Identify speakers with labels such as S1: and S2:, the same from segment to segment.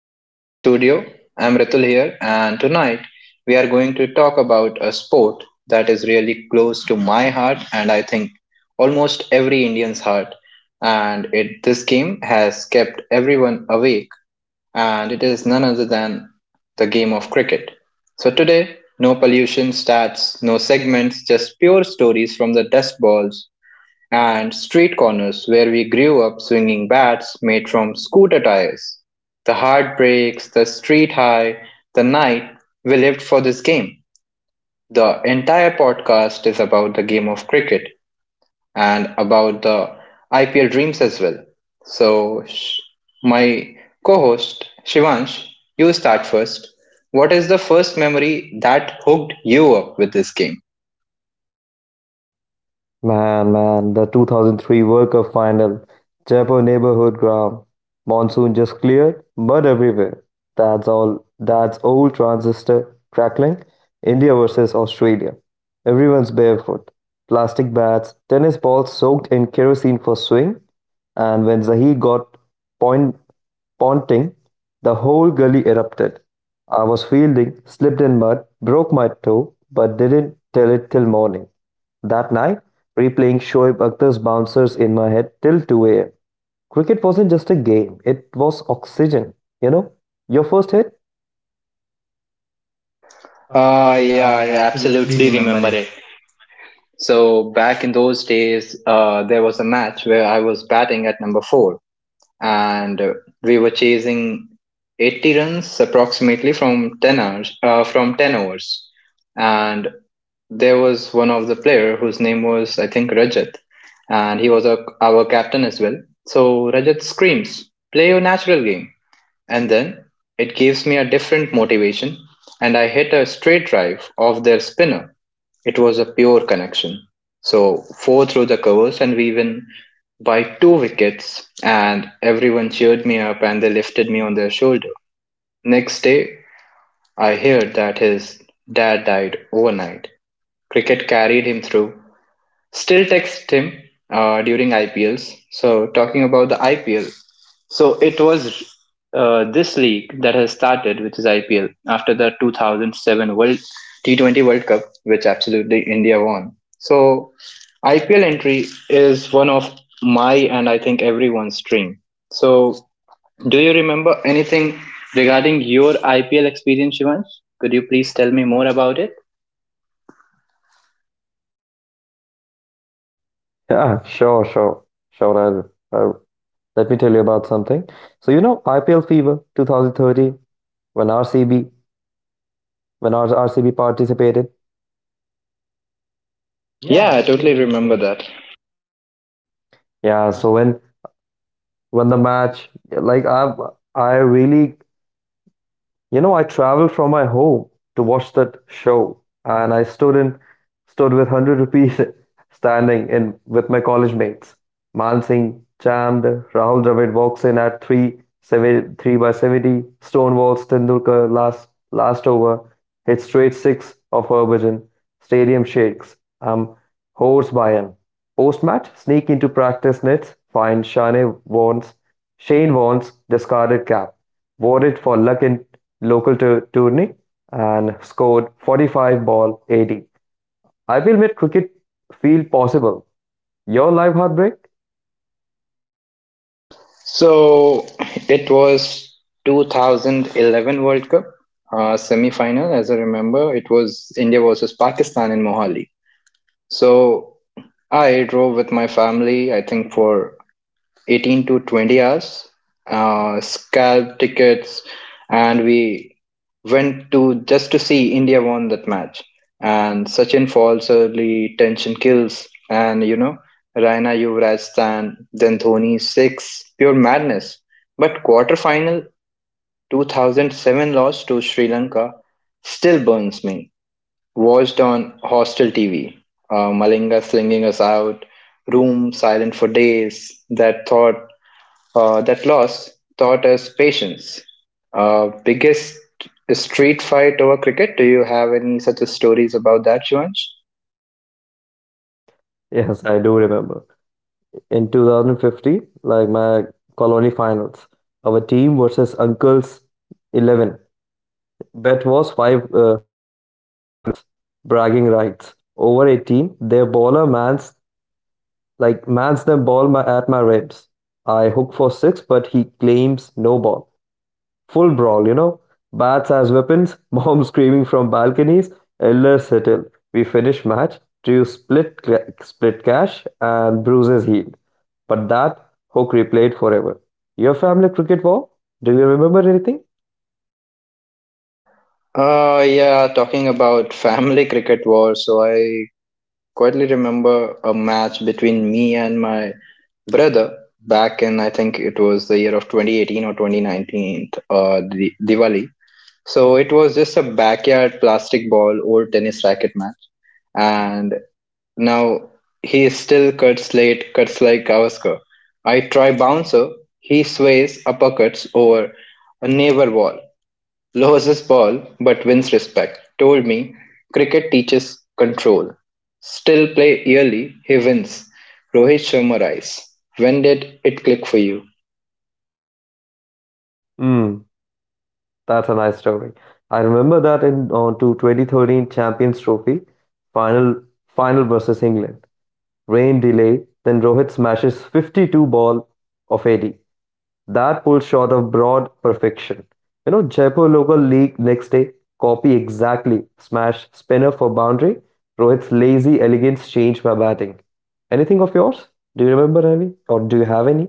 S1: to Ritul's studio. I'm Ritul here, and tonight we are going to talk about a sport that is really close to my heart and I think almost every Indian's heart. And this game has kept everyone awake, and it is none other than the game of cricket. So today, no pollution stats, no segments, just pure stories from the dust balls and street corners where we grew up swinging bats made from scooter tires. The heartbreaks, the street high, the night we lived for this game. The entire podcast is about the game of cricket and about the IPL dreams as well. So, my co host Shivansh, you start first. What is the first memory that hooked you up with this game?
S2: Man, the 2003 World Cup final. Jaipur neighborhood ground. Monsoon just cleared, mud everywhere. That's all. That's old transistor crackling. India versus Australia. Everyone's barefoot. Plastic bats, tennis balls soaked in kerosene for swing. And when Zahi got point, ponting, the whole gully erupted. I was fielding, slipped in mud, broke my toe, but didn't tell it till morning. That night, replaying Shoaib Akhtar's bouncers in my head till 2 a.m. Cricket wasn't just a game, it was oxygen, you know? Your first hit?
S1: Yeah, I absolutely remember it. So back in those days, there was a match where I was batting at number four, and we were chasing 80 runs approximately from 10 overs. And there was one of the player whose name was, I think, Rajat, and he was our captain as well. So Rajat screams, "Play your natural game," and then it gives me a different motivation, and I hit a straight drive off their spinner. It was a pure connection. So four through the covers and we win by two wickets and everyone cheered me up and they lifted me on their shoulder. Next day I heard that his dad died overnight. Cricket carried him through. Still text him during IPLs. So talking about the IPL, so it was this league that has started, which is IPL, after the 2007 World T20 World Cup, which absolutely India won. So IPL entry is one of my and I think everyone's dream. So do you remember anything regarding your IPL experience, Shivansh? Could you please tell me more about it?
S2: Yeah, sure, sure, sure. I'll- Let me tell you about something. So, you know, IPL Fever 2013, when RCB, when our RCB participated.
S1: Yeah, I totally remember that.
S2: Yeah, so when the match, like I really I traveled from my home to watch that show, and I stood with 100 rupees, standing in with my college mates. Man Singh, Chand, Rahul Dravid walks in at 373 by 70. Stonewalls. Tendulkar, last over, hits straight 6 of Harbhajan. Stadium shakes. I'm horse by him. Post-match, sneak into practice nets, find Shane Warne's discarded cap. Wore it for luck in local tourney and scored 45 ball 80. I will make cricket feel possible. Your live heartbreak?
S1: So it was 2011 World Cup semi-final, as I remember. It was India versus Pakistan in Mohali. So I drove with my family, I think for 18 to 20 hours, scalp tickets, and we went to just to see India won that match. And Sachin falls early, tension kills, and Raina Yuvraj stand, then Dhoni six, pure madness. But quarterfinal 2007 loss to Sri Lanka still burns me. Watched on hostel TV, Malinga slinging us out, room silent for days. That loss taught us patience. Biggest street fight over cricket? Do you have any such stories about that, Shivansh?
S2: Yes, I do remember. In 2015, like my colony finals, our team versus Uncle's 11. Bet was 500 plus. Bragging rights. Over 18, their bowler mans the ball at my ribs. I hook for six, but he claims no ball. Full brawl, you know. Bats as weapons, mom screaming from balconies, elder settle. We finish match. Drew split cash, and bruises healed. But that hook replayed forever. Your family cricket war? Do you remember anything?
S1: Yeah, talking about family cricket war, so I quietly remember a match between me and my brother back in, I think it was the year of 2018 or 2019, Diwali. So it was just a backyard plastic ball, old tennis racket match. And now he is still cuts late, cuts like Gavaskar. I try bouncer, he sways uppercuts over a neighbor wall, loses ball but wins respect. Told me cricket teaches control. Still play yearly, he wins. Rohit Sharma rise. When did it click for you?
S2: Hmm, that's a nice story. I remember that in on to 2013 Champions Trophy final final versus England. Rain delay, then Rohit smashes 52 ball of 80. That pull shot of broad perfection. You know, Jaipur local league next day, copy exactly, smash spinner for boundary. Rohit's lazy elegance changed my batting. Anything of yours? Do you remember, Ravi? Or do you have any?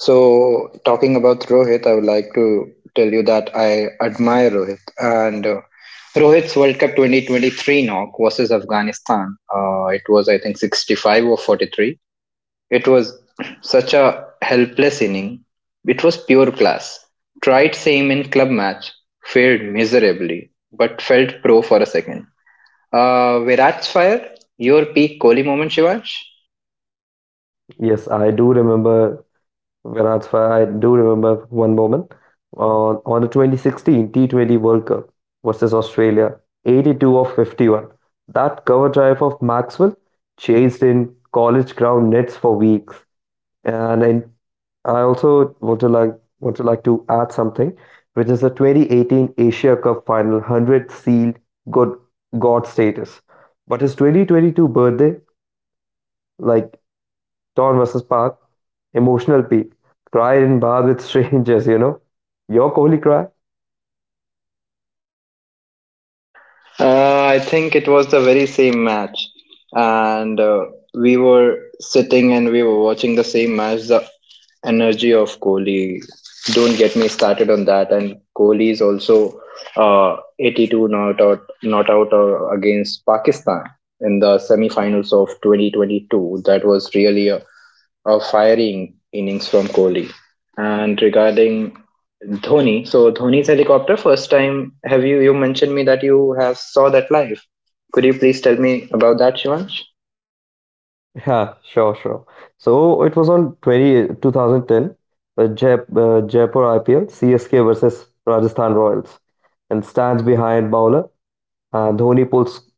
S1: So, talking about Rohit, I would like to tell you that I admire Rohit. And Rohit's World Cup 2023 knock versus Afghanistan, it was, I think, 65 or 43. It was such a helpless inning. It was pure class. Tried same in club match, failed miserably, but felt pro for a second. Virat's fire, your peak Kohli moment, Shivansh?
S2: Yes, I do remember one moment on the 2016 T20 World Cup versus Australia, 82 of 51. That cover drive of Maxwell chased in college ground nets for weeks. And I also want to like to add something, which is the 2018 Asia Cup final 100 sealed good god status. But his 2022 birthday, like Don versus Park. Emotional peak. Cry in bath with strangers, you know. Your Kohli cry?
S1: I think it was the very same match, and we were sitting and we were watching the same match. The energy of Kohli. Don't get me started on that. And Kohli is also 82 not out against Pakistan in the semi-finals of 2022. That was really a firing innings from Kohli. And regarding Dhoni. So Dhoni's helicopter. First time, have you mentioned me that you have saw that live? Could you please tell me about that, Shivansh?
S2: Yeah, sure, sure. So it was on 2010, Jaipur IPL, CSK versus Rajasthan Royals. And stands behind bowler. Dhoni pulls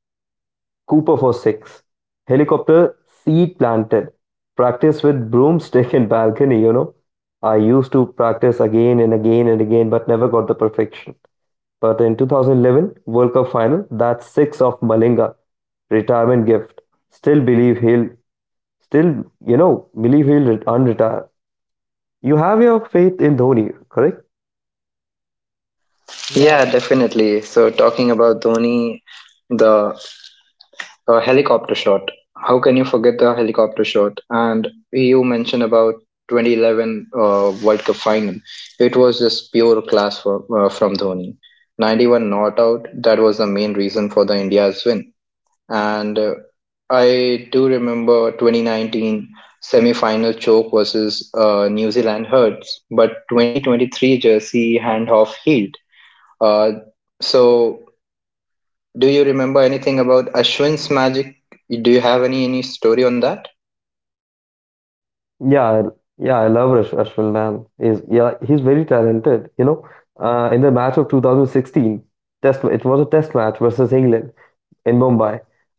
S2: Cooper for six. Helicopter seed planted. Practice with broomstick in balcony. I used to practice again and again and again, but never got the perfection. But in 2011 World Cup final, that six of Malinga retirement gift. Still believe he'll still believe he'll unretire. You have your faith in Dhoni, correct?
S1: Yeah, definitely. So talking about Dhoni, the helicopter shot. How can you forget the helicopter shot? And you mentioned about 2011 World Cup final. It was just pure class from Dhoni. 91 not out. That was the main reason for the India's win. And I do remember 2019 semi-final choke versus New Zealand Hurts, but 2023 jersey handoff healed. Uh, so, do you remember anything about Ashwin's magic? Do you have any story on that?
S2: Yeah, yeah, I love Ashwin, man. He's, yeah, he's very talented. You know, in the match of 2016 test, it was a test match versus England in Mumbai,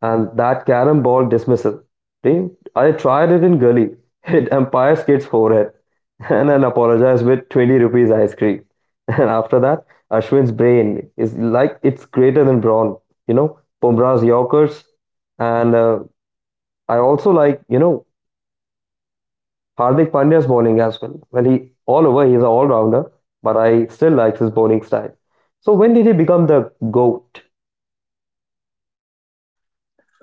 S2: and that carom ball dismissal. Re- I tried it in Gully, hit umpire's kid's forehead, and then apologized with 20 rupees ice cream. And after that, Ashwin's brain is like it's greater than Braun, you know, Bumrah's Yorkers, and I also like, you know, Hardik Pandya's bowling as well. Well, he's an all rounder, but I still like his bowling style. So when did he become the GOAT?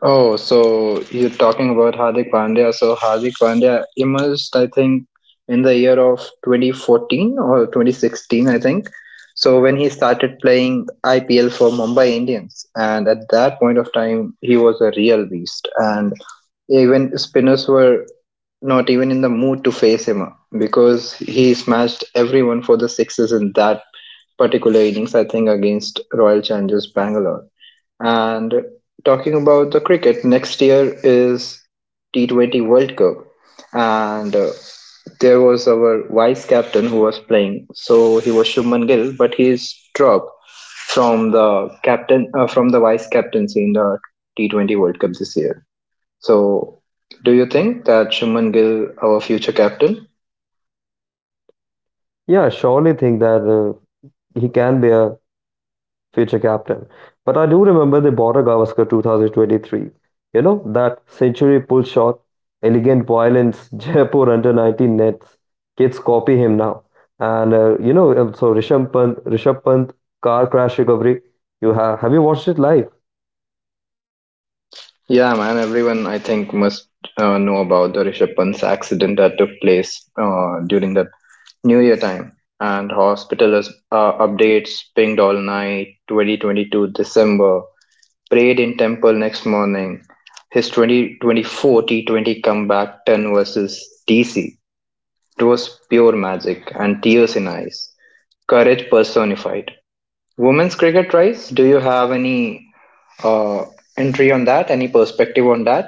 S1: Oh, so you're talking about Hardik Pandya. So Hardik Pandya emerged, I think, in the year of 2014 or 2016, I think. So when he started playing IPL for Mumbai Indians, and at that point of time, he was a real beast. And even spinners were not even in the mood to face him because he smashed everyone for the sixes in that particular innings, I think, against Royal Challengers Bangalore. And talking about the cricket, next year is T20 World Cup. And there was our vice captain who was playing. So he was Shubman Gill, but he's dropped from the vice captaincy in the T20 World Cup this year. So do you think that Shubman Gill, our future captain?
S2: Yeah, surely think that he can be a future captain. But I do remember they bought a Gavaskar 2023. You know, that century pull shot, elegant violence. Jaipur under 19 nets. Kids copy him now. And, you know, so Rishabh Pant, car crash recovery. Have you watched it live?
S1: Yeah, man. Everyone, I think, must know about the Rishabh Pant's accident that took place during the New Year time, and hospital updates pinged all night. 2022 December prayed in temple next morning. His 2024 T20 comeback 10 versus DC. It was pure magic and tears in eyes. Courage personified. Women's cricket rise. Do you have any uh, entry on that? Any perspective on that?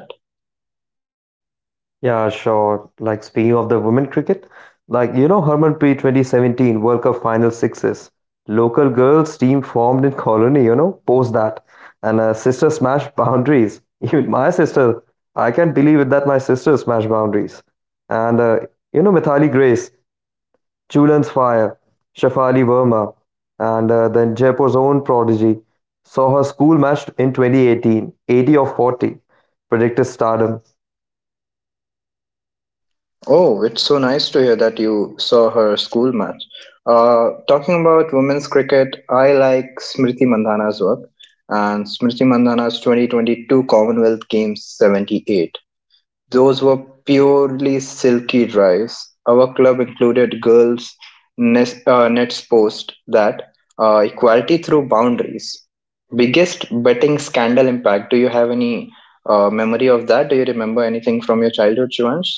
S2: Yeah, sure. Like speaking of the women cricket, like you know, Harmanpreet 2017 World Cup final sixes. Local girls team formed in Colony, you know, post that. And sister smashed boundaries. Even my sister, I can't believe it that my sister smashed boundaries. And you know, Mithali Grace, Julian's Fire, Shafali Verma, and then Jaipur's own prodigy saw her school match in 2018, eighty 80 of 40, predicted stardom.
S1: Oh, it's so nice to hear that you saw her school match. Talking about women's cricket, I like Smriti Mandhana's work, and Smriti Mandhana's 2022 Commonwealth Games 78. Those were purely silky drives. Our club included girls' nets post that equality through boundaries. Biggest betting scandal impact. Do you have any memory of that? Do you remember anything from your childhood, Shivansh?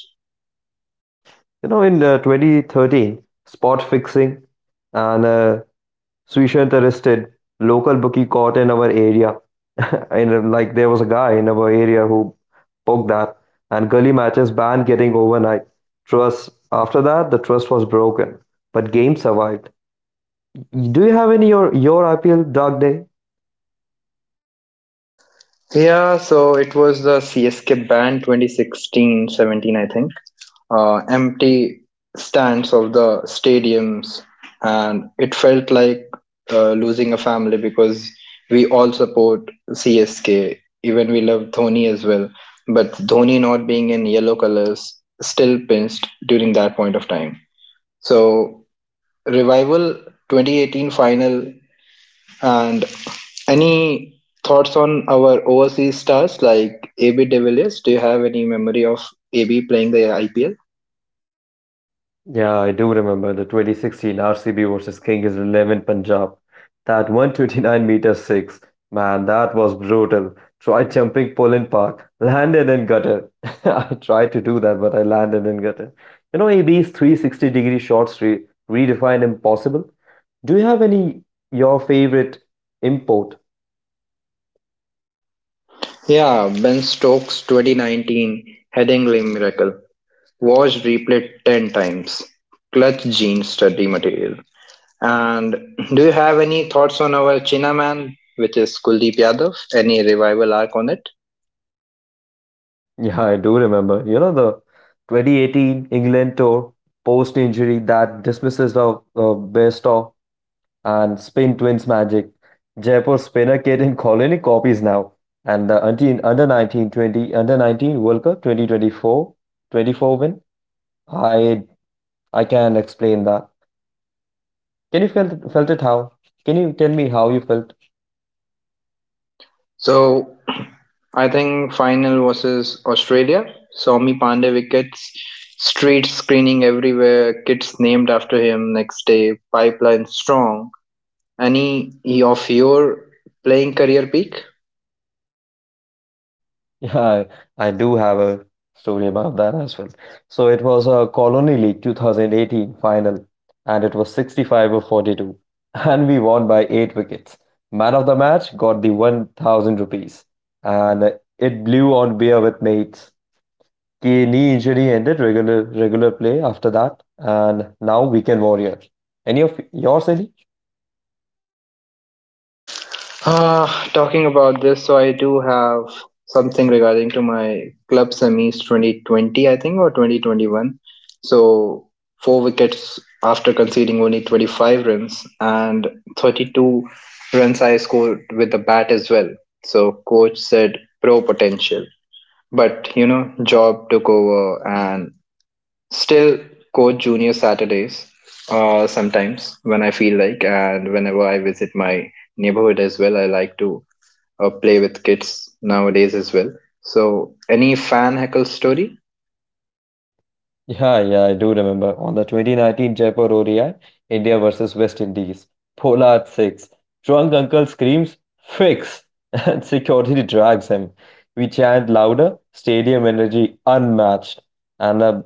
S2: You know, in 2013, spot fixing and Suishant arrested. Local bookie caught in our area. And like, there was a guy in our area who poked that. And gully matches banned getting overnight. Trust. After that, the trust was broken, but game survived. Do you have any your IPL dark day?
S1: Yeah, so it was the CSK ban 2016, 17, I think. Empty stands of the stadiums, and it felt like losing a family because we all support CSK. Even we love Dhoni as well. But Dhoni not being in yellow colors still pinched during that point of time. So, revival 2018 final and any thoughts on our overseas stars like AB de Villiers? Do you have any memory of AB playing the IPL?
S2: Yeah, I do remember the 2016 RCB versus Kings 11 Punjab. That 129 meter six, man, that was brutal. Tried jumping Poland Park, landed in gutter. I tried to do that, but I landed in gutter. You know, AB's 360 degree shots redefined impossible. Do you have any your favorite import?
S1: Yeah, Ben Stokes 2019 headingly miracle. Watch replay 10 times. Clutch gene study material. And do you have any thoughts on our Chinaman, which is Kuldeep Yadav? Any revival arc on it?
S2: Yeah, I do remember. You know, the 2018 England tour post injury that dismisses the best of, and spin twins magic. Jaipur spinner Ketan Kolini copies now. And the under 19 20 under 19 World Cup 2024 24 twenty-four win. I I can explain that. Can you felt it how? Can you tell me how you felt?
S1: So I think final versus Australia saw me Pandey wickets, street screening everywhere, kids named after him next day, pipeline strong. Any of your playing career peak?
S2: Yeah, I do have a story about that as well. So it was a Colony League 2018 final, and it was 65 or 42. And we won by 8 wickets. Man of the match got the 1,000 rupees, and it blew on beer with mates. K knee injury ended regular play after that, and now weekend warrior. Any of yours, any?
S1: Uh, Talking about this, so I do have something regarding to my club semis 2020, I think, or 2021. So four wickets after conceding only 25 runs and 32 runs I scored with the bat as well. So coach said pro potential, but job took over and still coach junior Saturdays. Sometimes when I feel like, and whenever I visit my neighborhood as well, I like to play with kids nowadays as well. So, any fan heckle story?
S2: Yeah, yeah, I do remember. On the 2019 Jaipur ODI, India versus West Indies, Pollard six, drunk uncle screams fix, and security drags him. We chant louder, stadium energy unmatched, and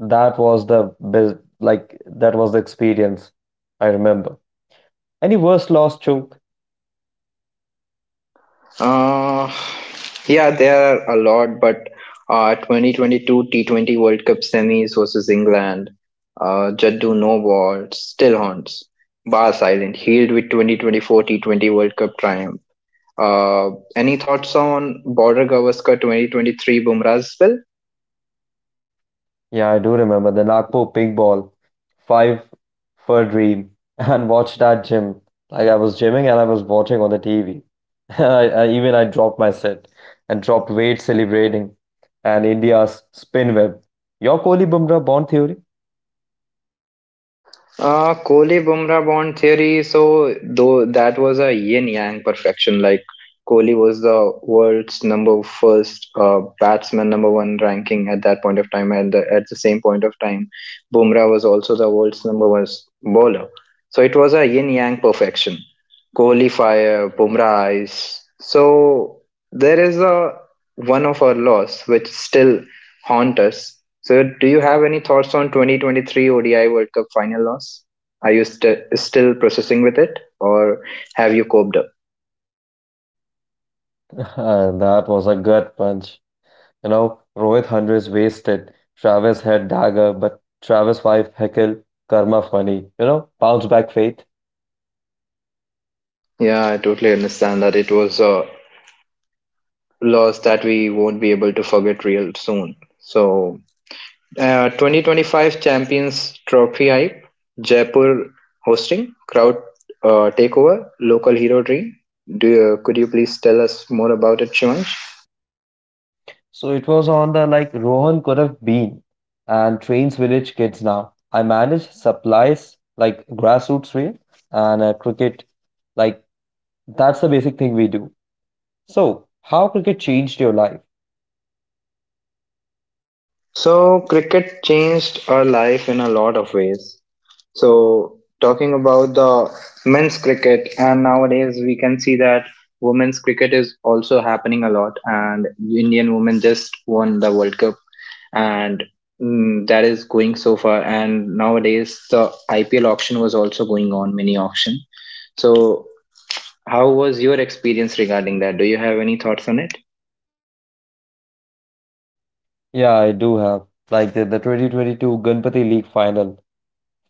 S2: that was the best. Like that was the experience I remember. Any worst loss, Chu?
S1: Uh, yeah, there are a lot, but 2022 T20 World Cup semis versus England, Jaddu no ball still haunts. Bars Island healed with 2024 T20 World Cup triumph. Any thoughts on Border Gavaskar 2023 Bumrah as well?
S2: Yeah, I do remember the Nagpur Big Ball, five for a dream. And watch that gym. Like I was gymming and I was watching on the TV. Even I dropped my set and dropped weight celebrating. And India's spin web. Your Kohli Bumrah Bond theory?
S1: Kohli Bumrah bond theory. So though that was a yin yang perfection. Like Kohli was the world's number first batsman, number one ranking at that point of time, and at the same point of time, Bumrah was also the world's number one bowler. So it was a yin yang perfection. Kohli fire, Bumrah ice. So there is a one of our loss which still haunt us. So, do you have any thoughts on 2023 ODI World Cup final loss? Are you still processing with it, or have you coped up?
S2: That was a gut punch. You know, Rohit hundreds wasted. Travis had dagger, but Travis wife heckle. Karma funny. You know, bounce back faith.
S1: Yeah, I totally understand that it was a loss that we won't be able to forget real soon. So, 2025 Champions Trophy hype, Jaipur hosting, crowd takeover, local hero dream. Could you please tell us more about it, Shivansh?
S2: So it was on the like Rohan could have been and trains village kids now. I manage supplies like grassroots way, and cricket. Like that's the basic thing we do. So how cricket changed your life?
S1: So, cricket changed our life in a lot of ways. So, talking about the men's cricket, and nowadays we can see that women's cricket is also happening a lot, and Indian women just won the World Cup, and that is going so far. And nowadays, the IPL auction was also going on, mini auction. So, how was your experience regarding that? Do you have any thoughts on it?
S2: Yeah, I do have like the 2022 Ganpati League final.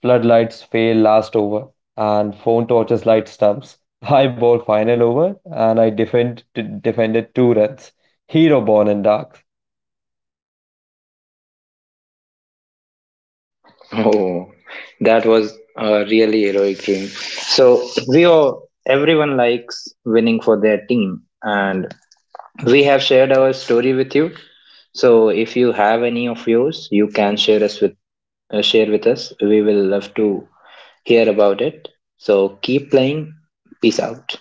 S2: Floodlights fail last over, and phone torches light stumps. High ball final over, and I defended 2 runs. Hero born in dark.
S1: Oh, that was a really heroic dream. So we all, everyone likes winning for their team, and we have shared our story with you. So if you have any of yours, you can share with us. We will love to hear about it. So keep playing. Peace out.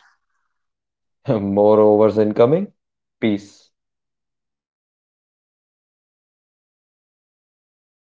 S2: More overs incoming. Peace.